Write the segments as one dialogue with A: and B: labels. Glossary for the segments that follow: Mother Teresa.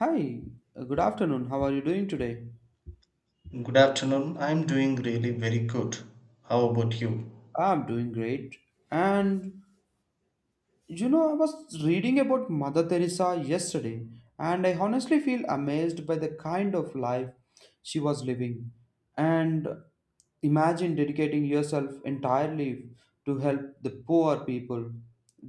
A: Hi, good afternoon. How are you doing today?
B: Good afternoon. I'm doing really very good. How about you?
A: I'm doing great. And you know, I was reading about Mother Teresa yesterday, and I honestly feel amazed by the kind of life she was living. And imagine dedicating yourself entirely to help the poor people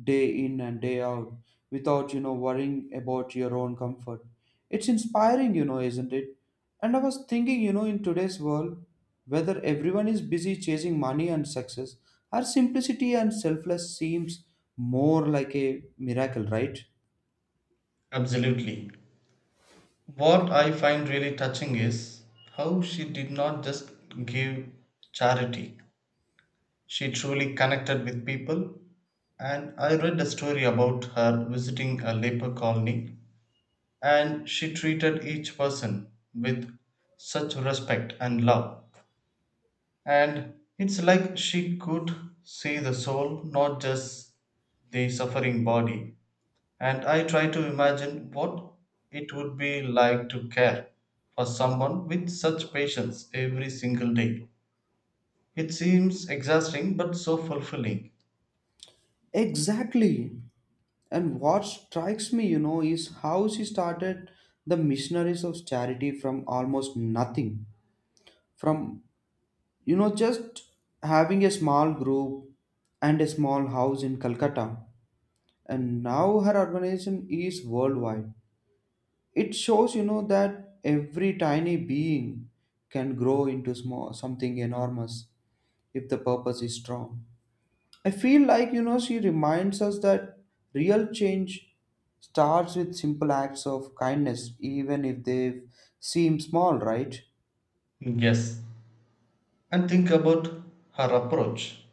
A: day in and day out without, you know, worrying about your own comfort. It's inspiring, you know, isn't it? And I was thinking, you know, in today's world, whether everyone is busy chasing money and success, our simplicity and selfless seems more like a miracle, right?
B: Absolutely. What I find really touching is how she did not just give charity, she truly connected with people. And I read a story about her visiting a leper colony, and she treated each person with such respect and love. And it's like she could see the soul, not just the suffering body. And I try to imagine what it would be like to care for someone with such patience every single day. It seems exhausting but so fulfilling.
A: Exactly. And what strikes me, you know, is how she started the missionaries of charity from almost nothing. From, you know, just having a small group and a small house in Calcutta. And now her organization is worldwide. It shows, you know, that every tiny being can grow into small, something enormous if the purpose is strong. I feel like, you know, she reminds us that real change starts with simple acts of kindness, even if they seem small, right?
B: Yes. And think about her approach.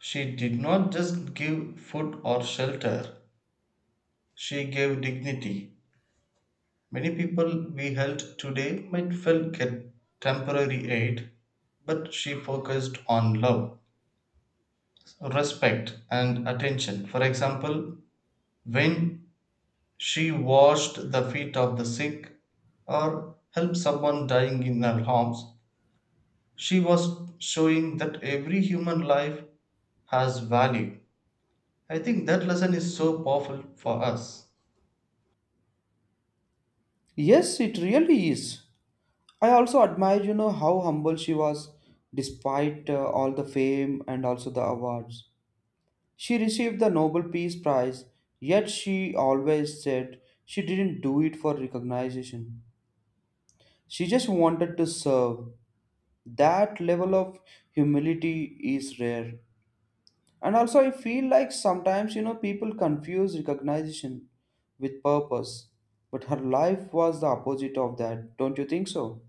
B: She did not just give food or shelter, she gave dignity. Many people we held today might feel get temporary aid, but she focused on love, respect, and attention. For example, when she washed the feet of the sick, or helped someone dying in her arms, she was showing that every human life has value. I think that lesson is so powerful for us.
A: Yes, it really is. I also admire, you know, how humble she was despite all the fame and also the awards. She received the Nobel Peace Prize, yet she always said she didn't do it for recognition. She just wanted to serve. That level of humility is rare. And also, I feel like sometimes, you know, people confuse recognition with purpose. But her life was the opposite of that, don't you think so?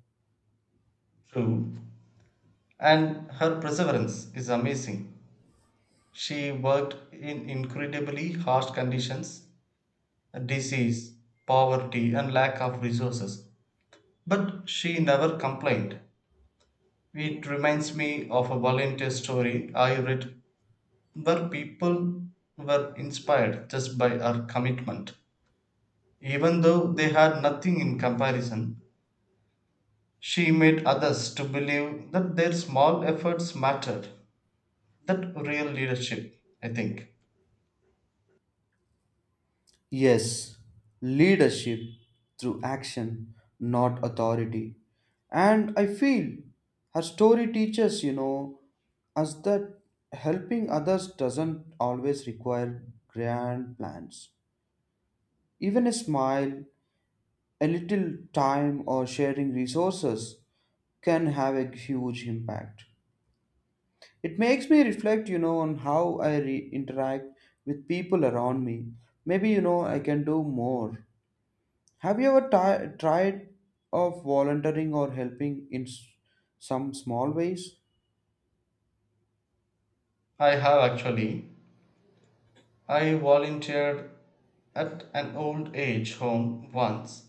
B: True. And her perseverance is amazing. She worked in incredibly harsh conditions, disease, poverty, and lack of resources. But she never complained. It reminds me of a volunteer story I read where people were inspired just by her commitment. Even though they had nothing in comparison, she made others to believe that their small efforts mattered. That real leadership, I think.
A: Yes, leadership through action, not authority. And I feel her story teaches, you know, us that helping others doesn't always require grand plans. Even a smile, a little time, or sharing resources can have a huge impact. It makes me reflect, you know, on how I interact with people around me. Maybe, you know, I can do more. Have you ever ti tried of volunteering or helping in some small ways?
B: I have actually. I volunteered at an old age home once,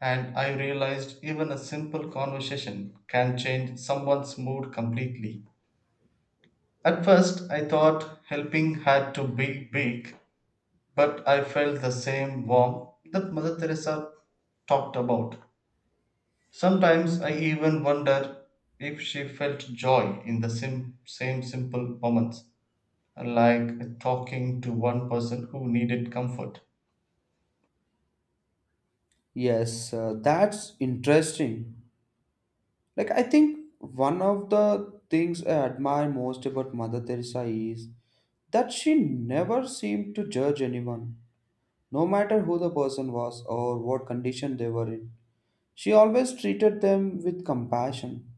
B: and I realized even a simple conversation can change someone's mood completely. At first I thought helping had to be big, but I felt the same warmth that Mother Teresa talked about. Sometimes I even wonder if she felt joy in the same simple moments, like talking to one person who needed comfort.
A: Yes, that's interesting. Like I think one of the things I admire most about Mother Teresa is that she never seemed to judge anyone, no matter who the person was or what condition they were in. She always treated them with compassion.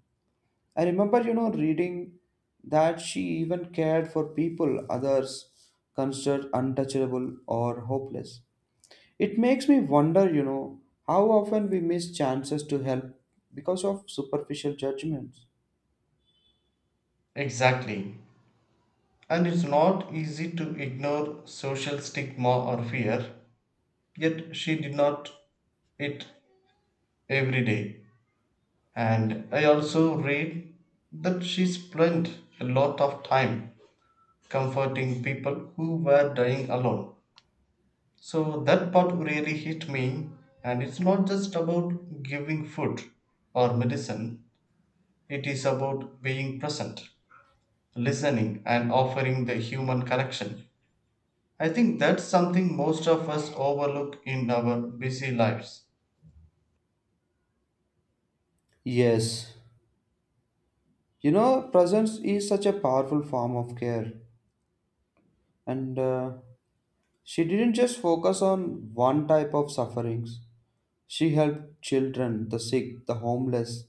A: I remember, you know, reading that she even cared for people others considered untouchable or hopeless. It makes me wonder, you know, how often we miss chances to help because of superficial judgments.
B: Exactly. And it's not easy to ignore social stigma or fear, yet she did not it every day. And I also read that she spent a lot of time comforting people who were dying alone. So that part really hit me. And it's not just about giving food or medicine, it is about being present, listening, and offering the human connection. I think that's something most of us overlook in our busy lives.
A: Yes, you know, presence is such a powerful form of care, and she didn't just focus on one type of sufferings. She helped children, the sick, the homeless,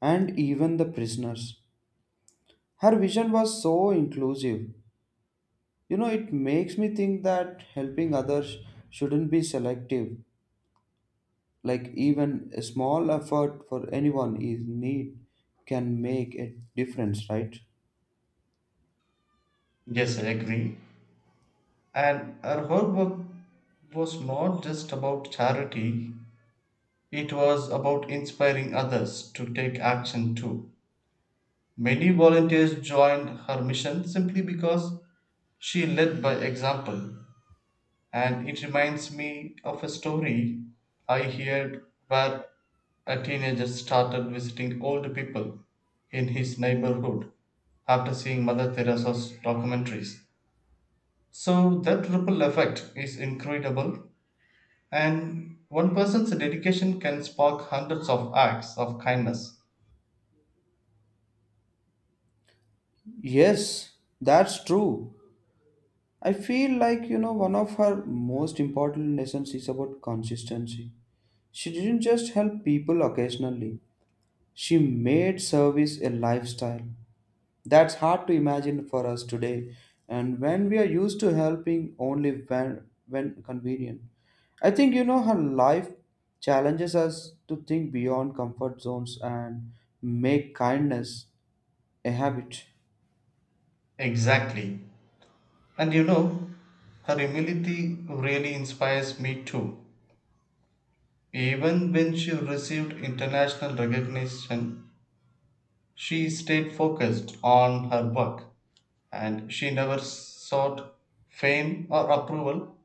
A: and even the prisoners. Her vision was so inclusive. You know, it makes me think that helping others shouldn't be selective. Like, even a small effort for anyone in need can make a difference, right?
B: Yes, I agree. And her whole work was not just about charity, it was about inspiring others to take action too. Many volunteers joined her mission simply because she led by example, and it reminds me of a story I heard where a teenager started visiting old people in his neighborhood after seeing Mother Teresa's documentaries. So that ripple effect is incredible, and one person's dedication can spark hundreds of acts of kindness.
A: Yes, that's true. I feel like, you know, one of her most important lessons is about consistency. She didn't just help people occasionally, she made service a lifestyle. That's hard to imagine for us today, and when we are used to helping only when convenient. I think you know how life challenges us to think beyond comfort zones and make kindness a habit.
B: Exactly. And you know, her humility really inspires me too. Even when she received international recognition, she stayed focused on her work and she never sought fame or approval.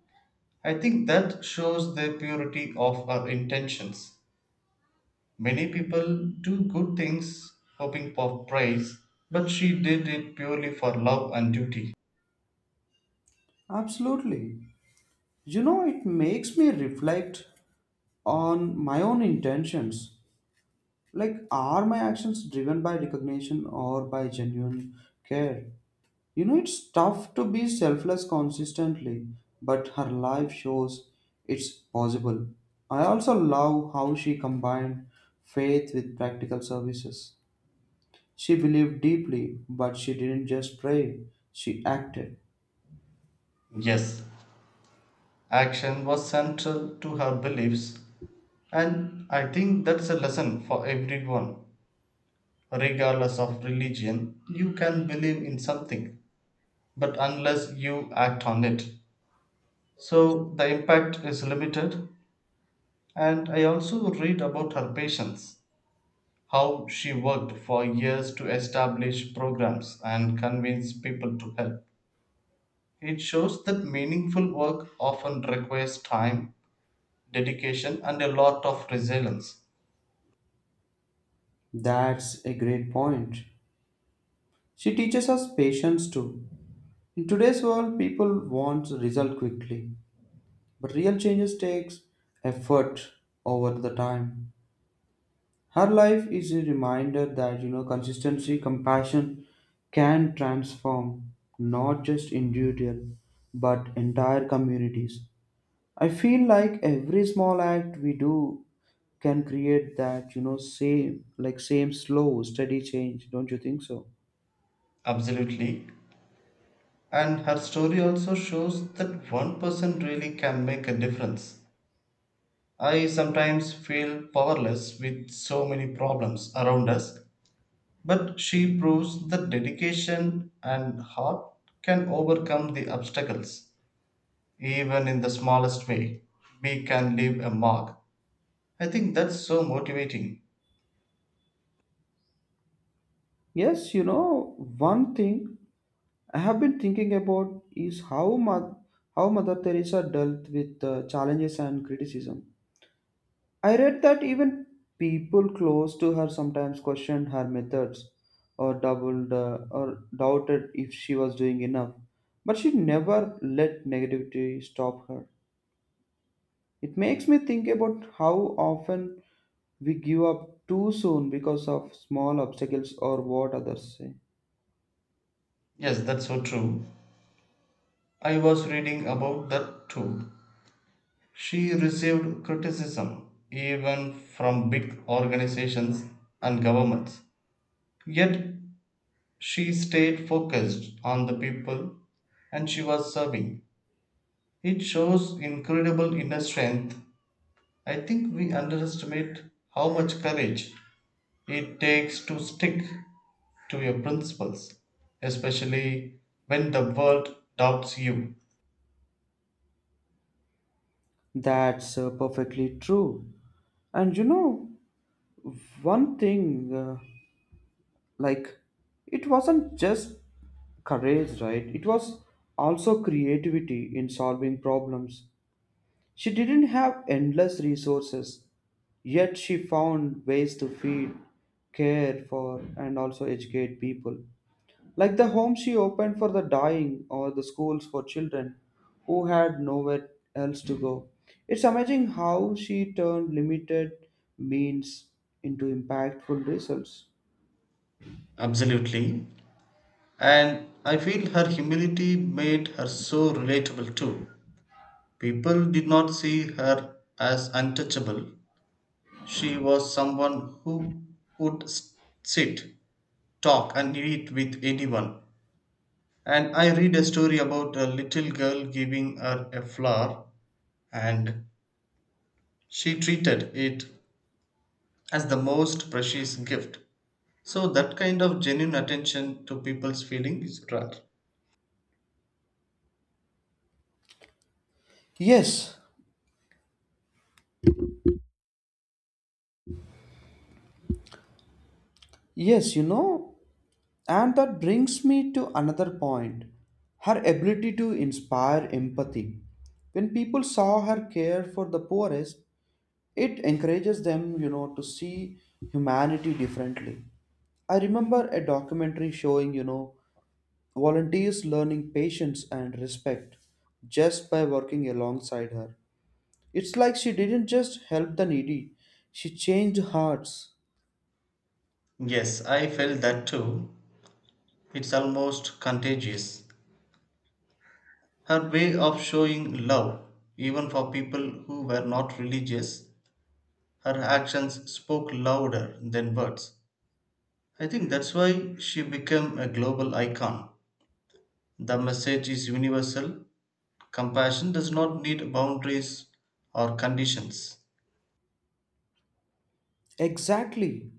B: I think that shows the purity of her intentions. Many people do good things hoping for praise, but she did it purely for love and duty.
A: Absolutely. You know, it makes me reflect on my own intentions. Like, are my actions driven by recognition or by genuine care? You know, it's tough to be selfless consistently, but her life shows it's possible. I also love how she combined faith with practical services. She believed deeply, but she didn't just pray, she acted.
B: Yes, action was central to her beliefs. And I think that's a lesson for everyone, regardless of religion. You can believe in something, but unless you act on it. So the impact is limited. And I also read about her patience, how she worked for years to establish programs and convince people to help. It shows that meaningful work often requires time, dedication, and a lot of resilience.
A: That's a great point. She teaches us patience too. In today's world, people want result quickly, but real changes takes effort over the time. Her life is a reminder that you know consistency, compassion can transform not just individual but entire communities. I feel like every small act we do can create that you know same like same slow steady change. Don't you think so?
B: Absolutely. And her story also shows that one person really can make a difference. I sometimes feel powerless with so many problems around us, but she proves that dedication and heart can overcome the obstacles, even in the smallest way. We can leave a mark. I think that's so motivating.
A: Yes, you know one thing I have been thinking about is how Mother Teresa dealt with challenges and criticism. I read that even people close to her sometimes questioned her methods or doubled or doubted if she was doing enough. But she never let negativity stop her. It makes me think about how often we give up too soon because of small obstacles or what others say.
B: Yes, that's so true. I was reading about that too. She received criticism even from big organizations and governments. Yet she stayed focused on the people and she was serving. It shows incredible inner strength. I think we underestimate how much courage it takes to stick to your principles, especially when the world doubts you.
A: That's perfectly true. And you know, one thing, uh, like, it wasn't just courage, right? It was also creativity in solving problems. She didn't have endless resources, yet she found ways to feed, care for, and also educate people. Like the home she opened for the dying or the schools for children who had nowhere else to go. It's amazing how she turned limited means into impactful results.
B: Absolutely. And I feel her humility made her so relatable too. People did not see her as untouchable. She was someone who would sit, talk, and eat with anyone. And I read a story about a little girl giving her a flower, and she treated it as the most precious gift. So, that kind of genuine attention to people's feelings is rare.
A: Yes, yes, you know, and that brings me to another point, her ability to inspire empathy. When people saw her care for the poorest, it encourages them, you know, to see humanity differently. I remember a documentary showing, you know, volunteers learning patience and respect just by working alongside her. It's like she didn't just help the needy, she changed hearts.
B: Yes, I felt that too. It's almost contagious. Her way of showing love, even for people who were not religious, her actions spoke louder than words. I think that's why she became a global icon. The message is universal. Compassion does not need boundaries or conditions.
A: Exactly.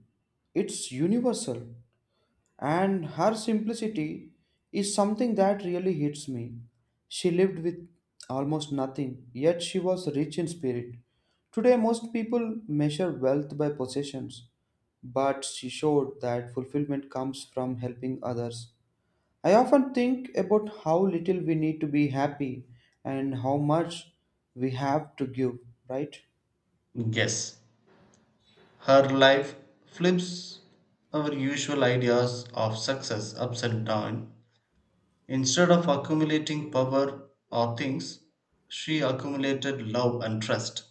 A: It's universal. And her simplicity is something that really hits me. She lived with almost nothing, yet she was rich in spirit. Today, most people measure wealth by possessions, but she showed that fulfillment comes from helping others. I often think about how little we need to be happy and how much we have to give, right?
B: Yes, her life flips our usual ideas of success ups and down. Instead of accumulating power or things, she accumulated love and trust.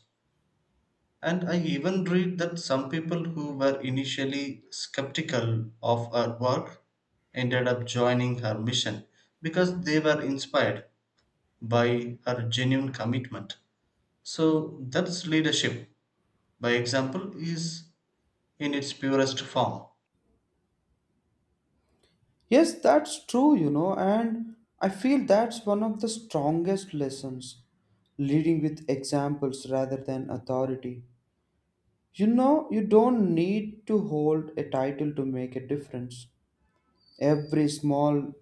B: And I even read that some people who were initially skeptical of her work ended up joining her mission because they were inspired by her genuine commitment. So that's leadership, by example, is in its purest form.
A: Yes, that's true, you know, and I feel that's one of the strongest lessons, leading with examples rather than authority. You know, you don't need to hold a title to make a difference. Every small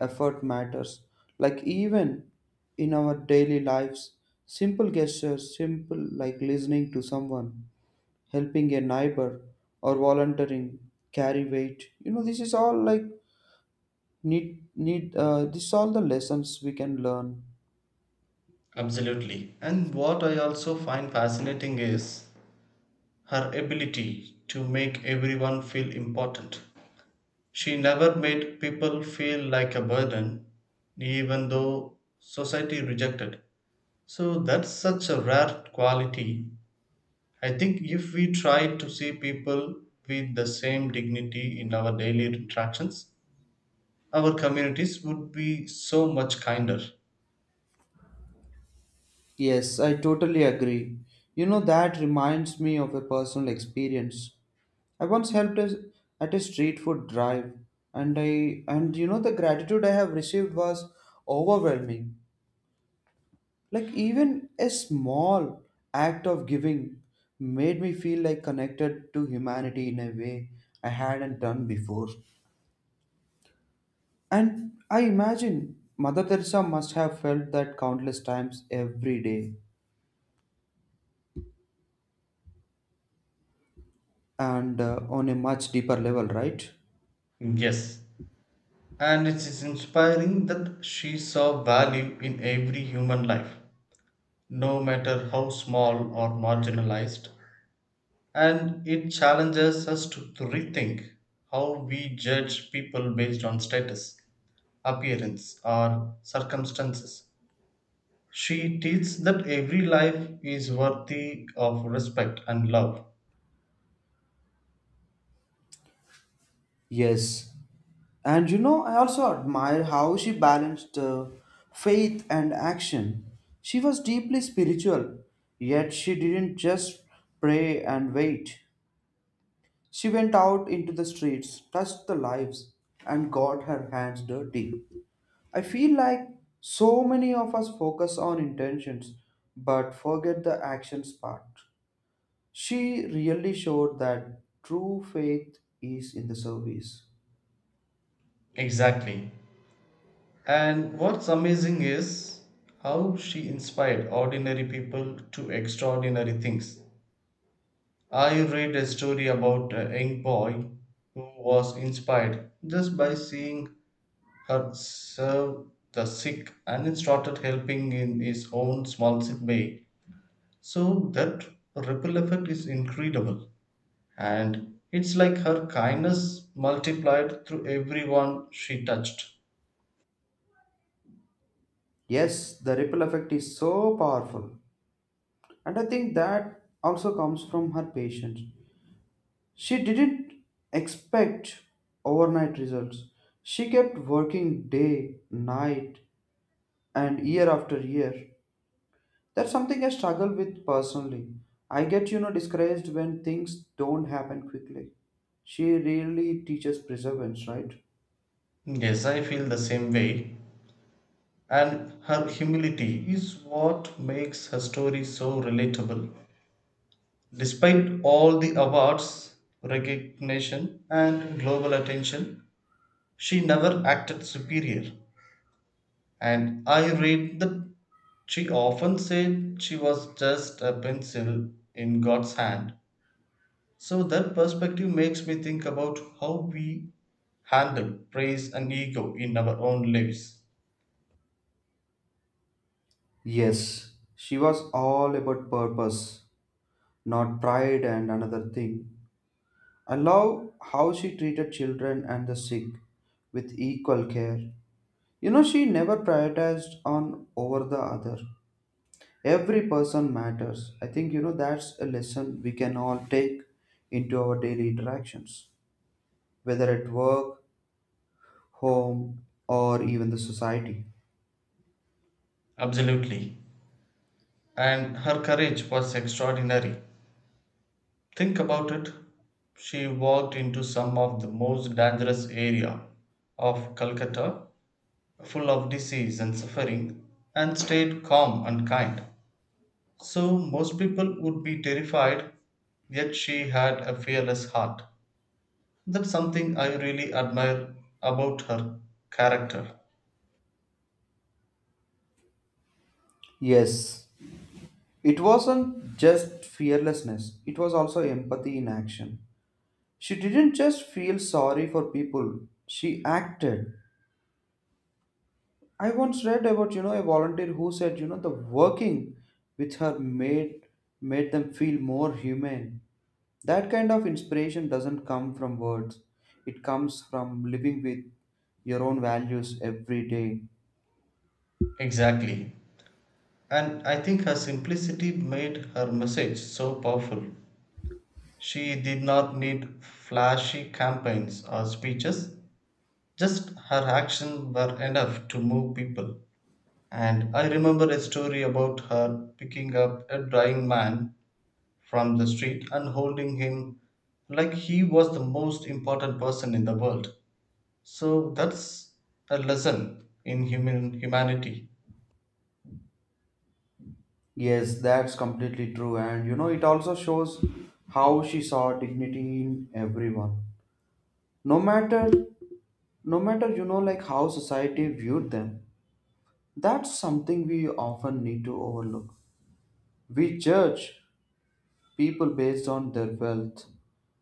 A: effort matters. Like, even in our daily lives, simple gestures, simple like listening to someone, helping a neighbor, or volunteering carry weight. You know, this is all like need need this all the lessons we can learn.
B: Absolutely. And what I also find fascinating is her ability to make everyone feel important. She never made people feel like a burden, even though society rejected. So that's such a rare quality. I think if we try to see people with the same dignity in our daily interactions, our communities would be so much kinder.
A: Yes, I totally agree. You know, that reminds me of a personal experience. I once helped us at a street food drive, and you know, the gratitude I have received was overwhelming. Like even a small act of giving made me feel like connected to humanity in a way I hadn't done before. And I imagine Mother Teresa must have felt that countless times every day and on a much deeper level, right?
B: Yes, and it is inspiring that she saw value in every human life, no matter how small or marginalized. And it challenges us to rethink how we judge people based on status, appearance, or circumstances. She teaches that every life is worthy of respect and love.
A: Yes. And you know, I also admire how she balanced faith and action. She was deeply spiritual, yet she didn't just pray and wait. She went out into the streets, touched the lives, and got her hands dirty. I feel like so many of us focus on intentions but forget the actions part. She really showed that true faith is in the service.
B: Exactly. And what's amazing is how she inspired ordinary people to extraordinary things. I read a story about a young boy who was inspired just by seeing had served the sick and started helping in his own small sick bay. So that ripple effect is incredible. And it's like her kindness multiplied through everyone she touched.
A: Yes, the ripple effect is so powerful, and I think that also comes from her patience. She didn't expect overnight results. She kept working day, night, and year after year. That's something I struggle with personally. I get, you know, discouraged when things don't happen quickly. She really teaches perseverance, right?
B: Yes, I feel the same way. And her humility is what makes her story so relatable. Despite all the awards, recognition, and global attention, she never acted superior. And I read that she often said she was just a pencil in God's hand. So that perspective makes me think about how we handle praise and ego in our own lives.
A: Yes, she was all about purpose, not pride, and another thing. I love how she treated children and the sick with equal care. You know, she never prioritized on over the other. Every person matters. I think, you know, that's a lesson we can all take into our daily interactions, whether at work, home, or even the society.
B: Absolutely. And her courage was extraordinary. Think about it. She walked into some of the most dangerous area of Calcutta, full of disease and suffering, and stayed calm and kind. So most people would be terrified, yet she had a fearless heart. That's something I really admire about her character.
A: Yes, it wasn't just fearlessness, it was also empathy in action. She didn't just feel sorry for people, she acted. I once read about, you know, a volunteer who said, you know, the working with her made them feel more human. That kind of inspiration doesn't come from words. It comes from living with your own values every day.
B: Exactly. And I think her simplicity made her message so powerful. She did not need flashy campaigns or speeches, just her actions were enough to move people. And I remember a story about her picking up a dying man from the street and holding him like he was the most important person in the world. So that's a lesson in human humanity.
A: Yes, that's completely true. And you know, it also shows how she saw dignity in everyone. No matter, no matter, you know, like how society viewed them. That's something we often need to overlook. We judge people based on their wealth,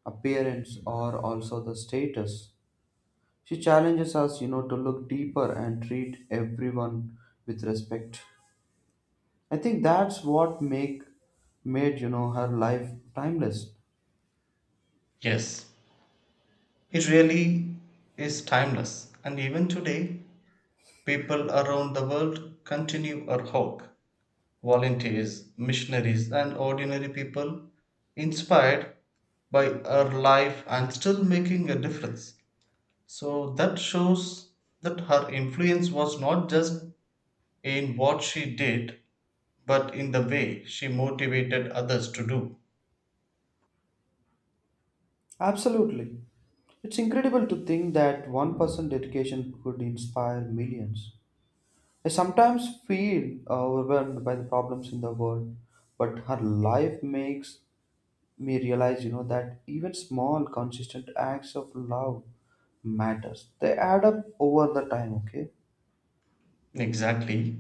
A: appearance, or also the status. She challenges us, you know, to look deeper and treat everyone with respect. I think that's what make made, you know, her life timeless.
B: Yes, it really is timeless. And even today, people around the world continue our hope. Volunteers, missionaries, and ordinary people inspired by her life and still making a difference. So that shows that her influence was not just in what she did, but in the way she motivated others to do.
A: Absolutely. It's incredible to think that one person's dedication could inspire millions. I sometimes feel overwhelmed by the problems in the world, but her life makes me realize, you know, that even small, consistent acts of love matters. They add up over the time, okay?
B: Exactly.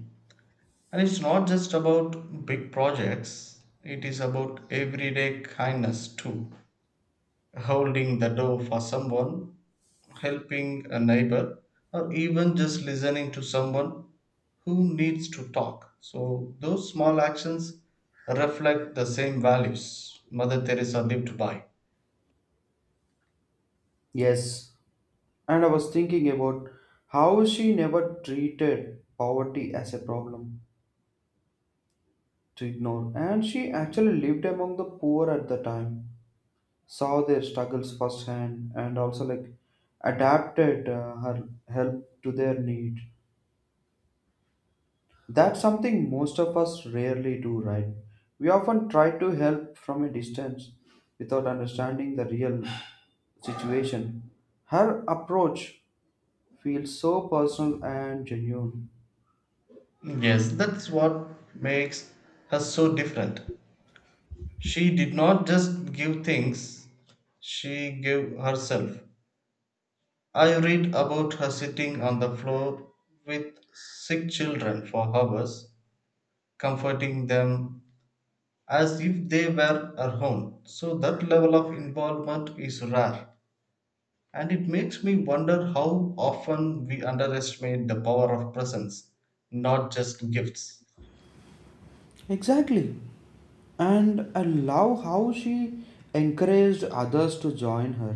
B: And it's not just about big projects, it is about everyday kindness too. Holding the door for someone, helping a neighbor, or even just listening to someone who needs to talk. So, those small actions reflect the same values Mother Teresa lived by.
A: Yes. And I was thinking about how she never treated poverty as a problem to ignore, and she actually lived among the poor at the time, saw their struggles firsthand and also like adapted her help to their need. That's something most of us rarely do, right? We often try to help from a distance without understanding the real situation. Her approach feels so personal and genuine.
B: Yes, that's what makes her so different. She did not just give things, she gave herself. I read about her sitting on the floor with sick children for hours, comforting them as if they were her own. So, that level of involvement is rare, and it makes me wonder how often we underestimate the power of presence, not just gifts.
A: Exactly. And I love how she encouraged others to join her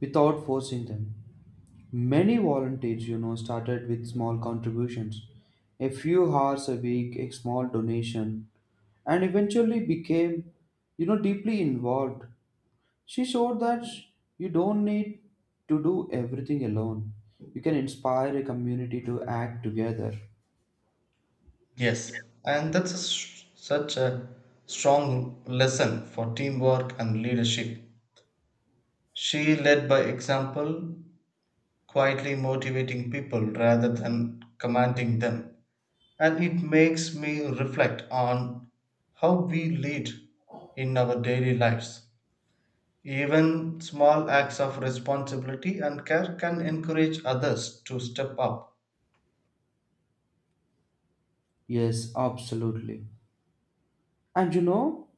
A: without forcing them. Many volunteers, you know, started with small contributions, a few hours a week, a small donation, and eventually became, you know, deeply involved. She showed that you don't need to do everything alone. You can inspire a community to act together.
B: Yes, and that's a s such a strong lesson for teamwork and leadership. She led by example, quietly motivating people rather than commanding them. And it makes me reflect on how we lead in our daily lives. Even small acts of responsibility and care can encourage others to step up.
A: Yes, absolutely. And you know,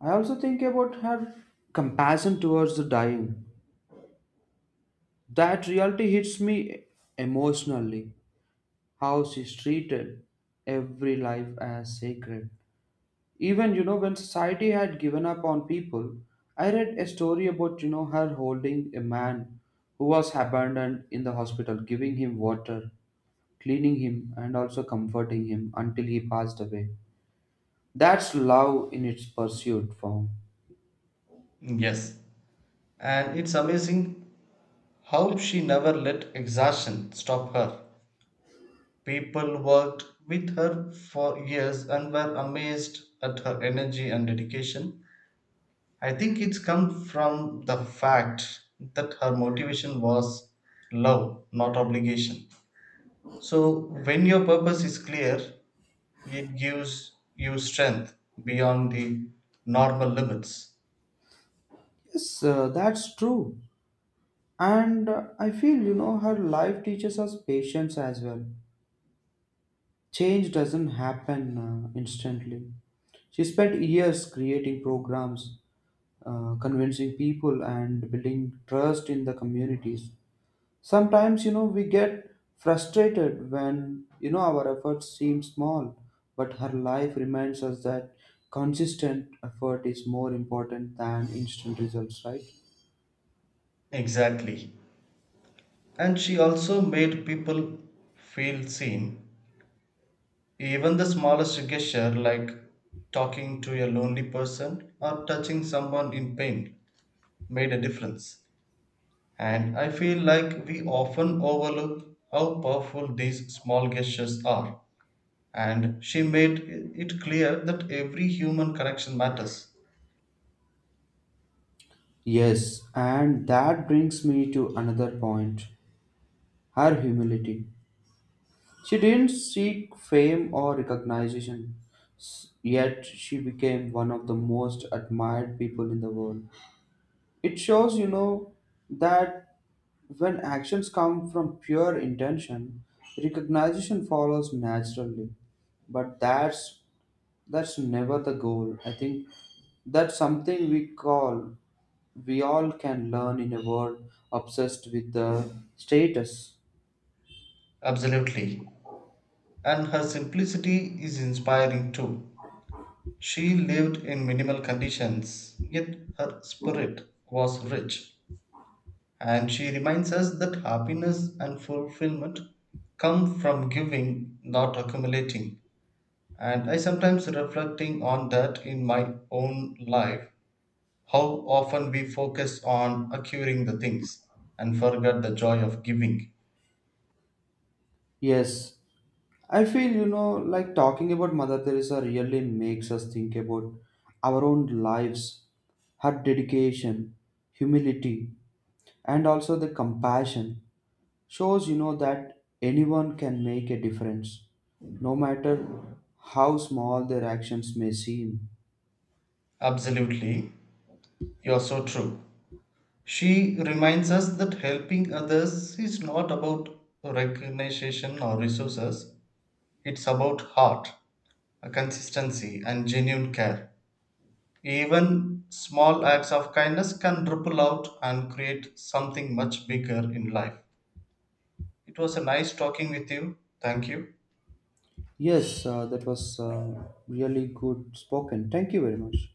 A: I also think about her compassion towards the dying. That reality hits me emotionally, how she treated every life as sacred. Even, you know, when society had given up on people, I read a story about, you know, her holding a man who was abandoned in the hospital, giving him water, cleaning him, and also comforting him until he passed away. That's love in its pursued form.
B: Yes. And it's amazing how she never let exhaustion stop her. People worked with her for years and were amazed at her energy and dedication. I think it's come from the fact that her motivation was love, not obligation. So, when your purpose is clear, it gives you strength beyond the normal limits.
A: Yes, that's true. And I feel, you know, her life teaches us patience as well. Change doesn't happen instantly. She spent years creating programs, convincing people, and building trust in the communities. Sometimes, you know, we get frustrated when, you know, our efforts seem small, but her life reminds us that consistent effort is more important than instant results, right?
B: Exactly. And she also made people feel seen. Even the smallest gesture, like talking to a lonely person or touching someone in pain, made a difference. And I feel like we often overlook how powerful these small gestures are. And she made it clear that every human connection matters.
A: Yes, and that brings me to another point, her humility. She didn't seek fame or recognition, yet she became one of the most admired people in the world. It shows, you know, that when actions come from pure intention, recognition follows naturally. But that's never the goal. I think that's something we all can learn in a world obsessed with the status.
B: Absolutely. And her simplicity is inspiring too. She lived in minimal conditions, yet her spirit was rich. And she reminds us that happiness and fulfillment come from giving, not accumulating. And I sometimes reflecting on that in my own life, how often we focus on acquiring the things and forget the joy of giving.
A: Yes, I feel, you know, like talking about Mother Teresa really makes us think about our own lives, her dedication, humility, and also the compassion shows, you know, that anyone can make a difference, no matter how small their actions may seem.
B: Absolutely, you're so true. She reminds us that helping others is not about recognition or resources, it's about heart, a consistency, and genuine care. Even small acts of kindness can ripple out and create something much bigger in life. It was a nice talking with you. Thank you.
A: Yes, that was really good spoken. Thank you very much.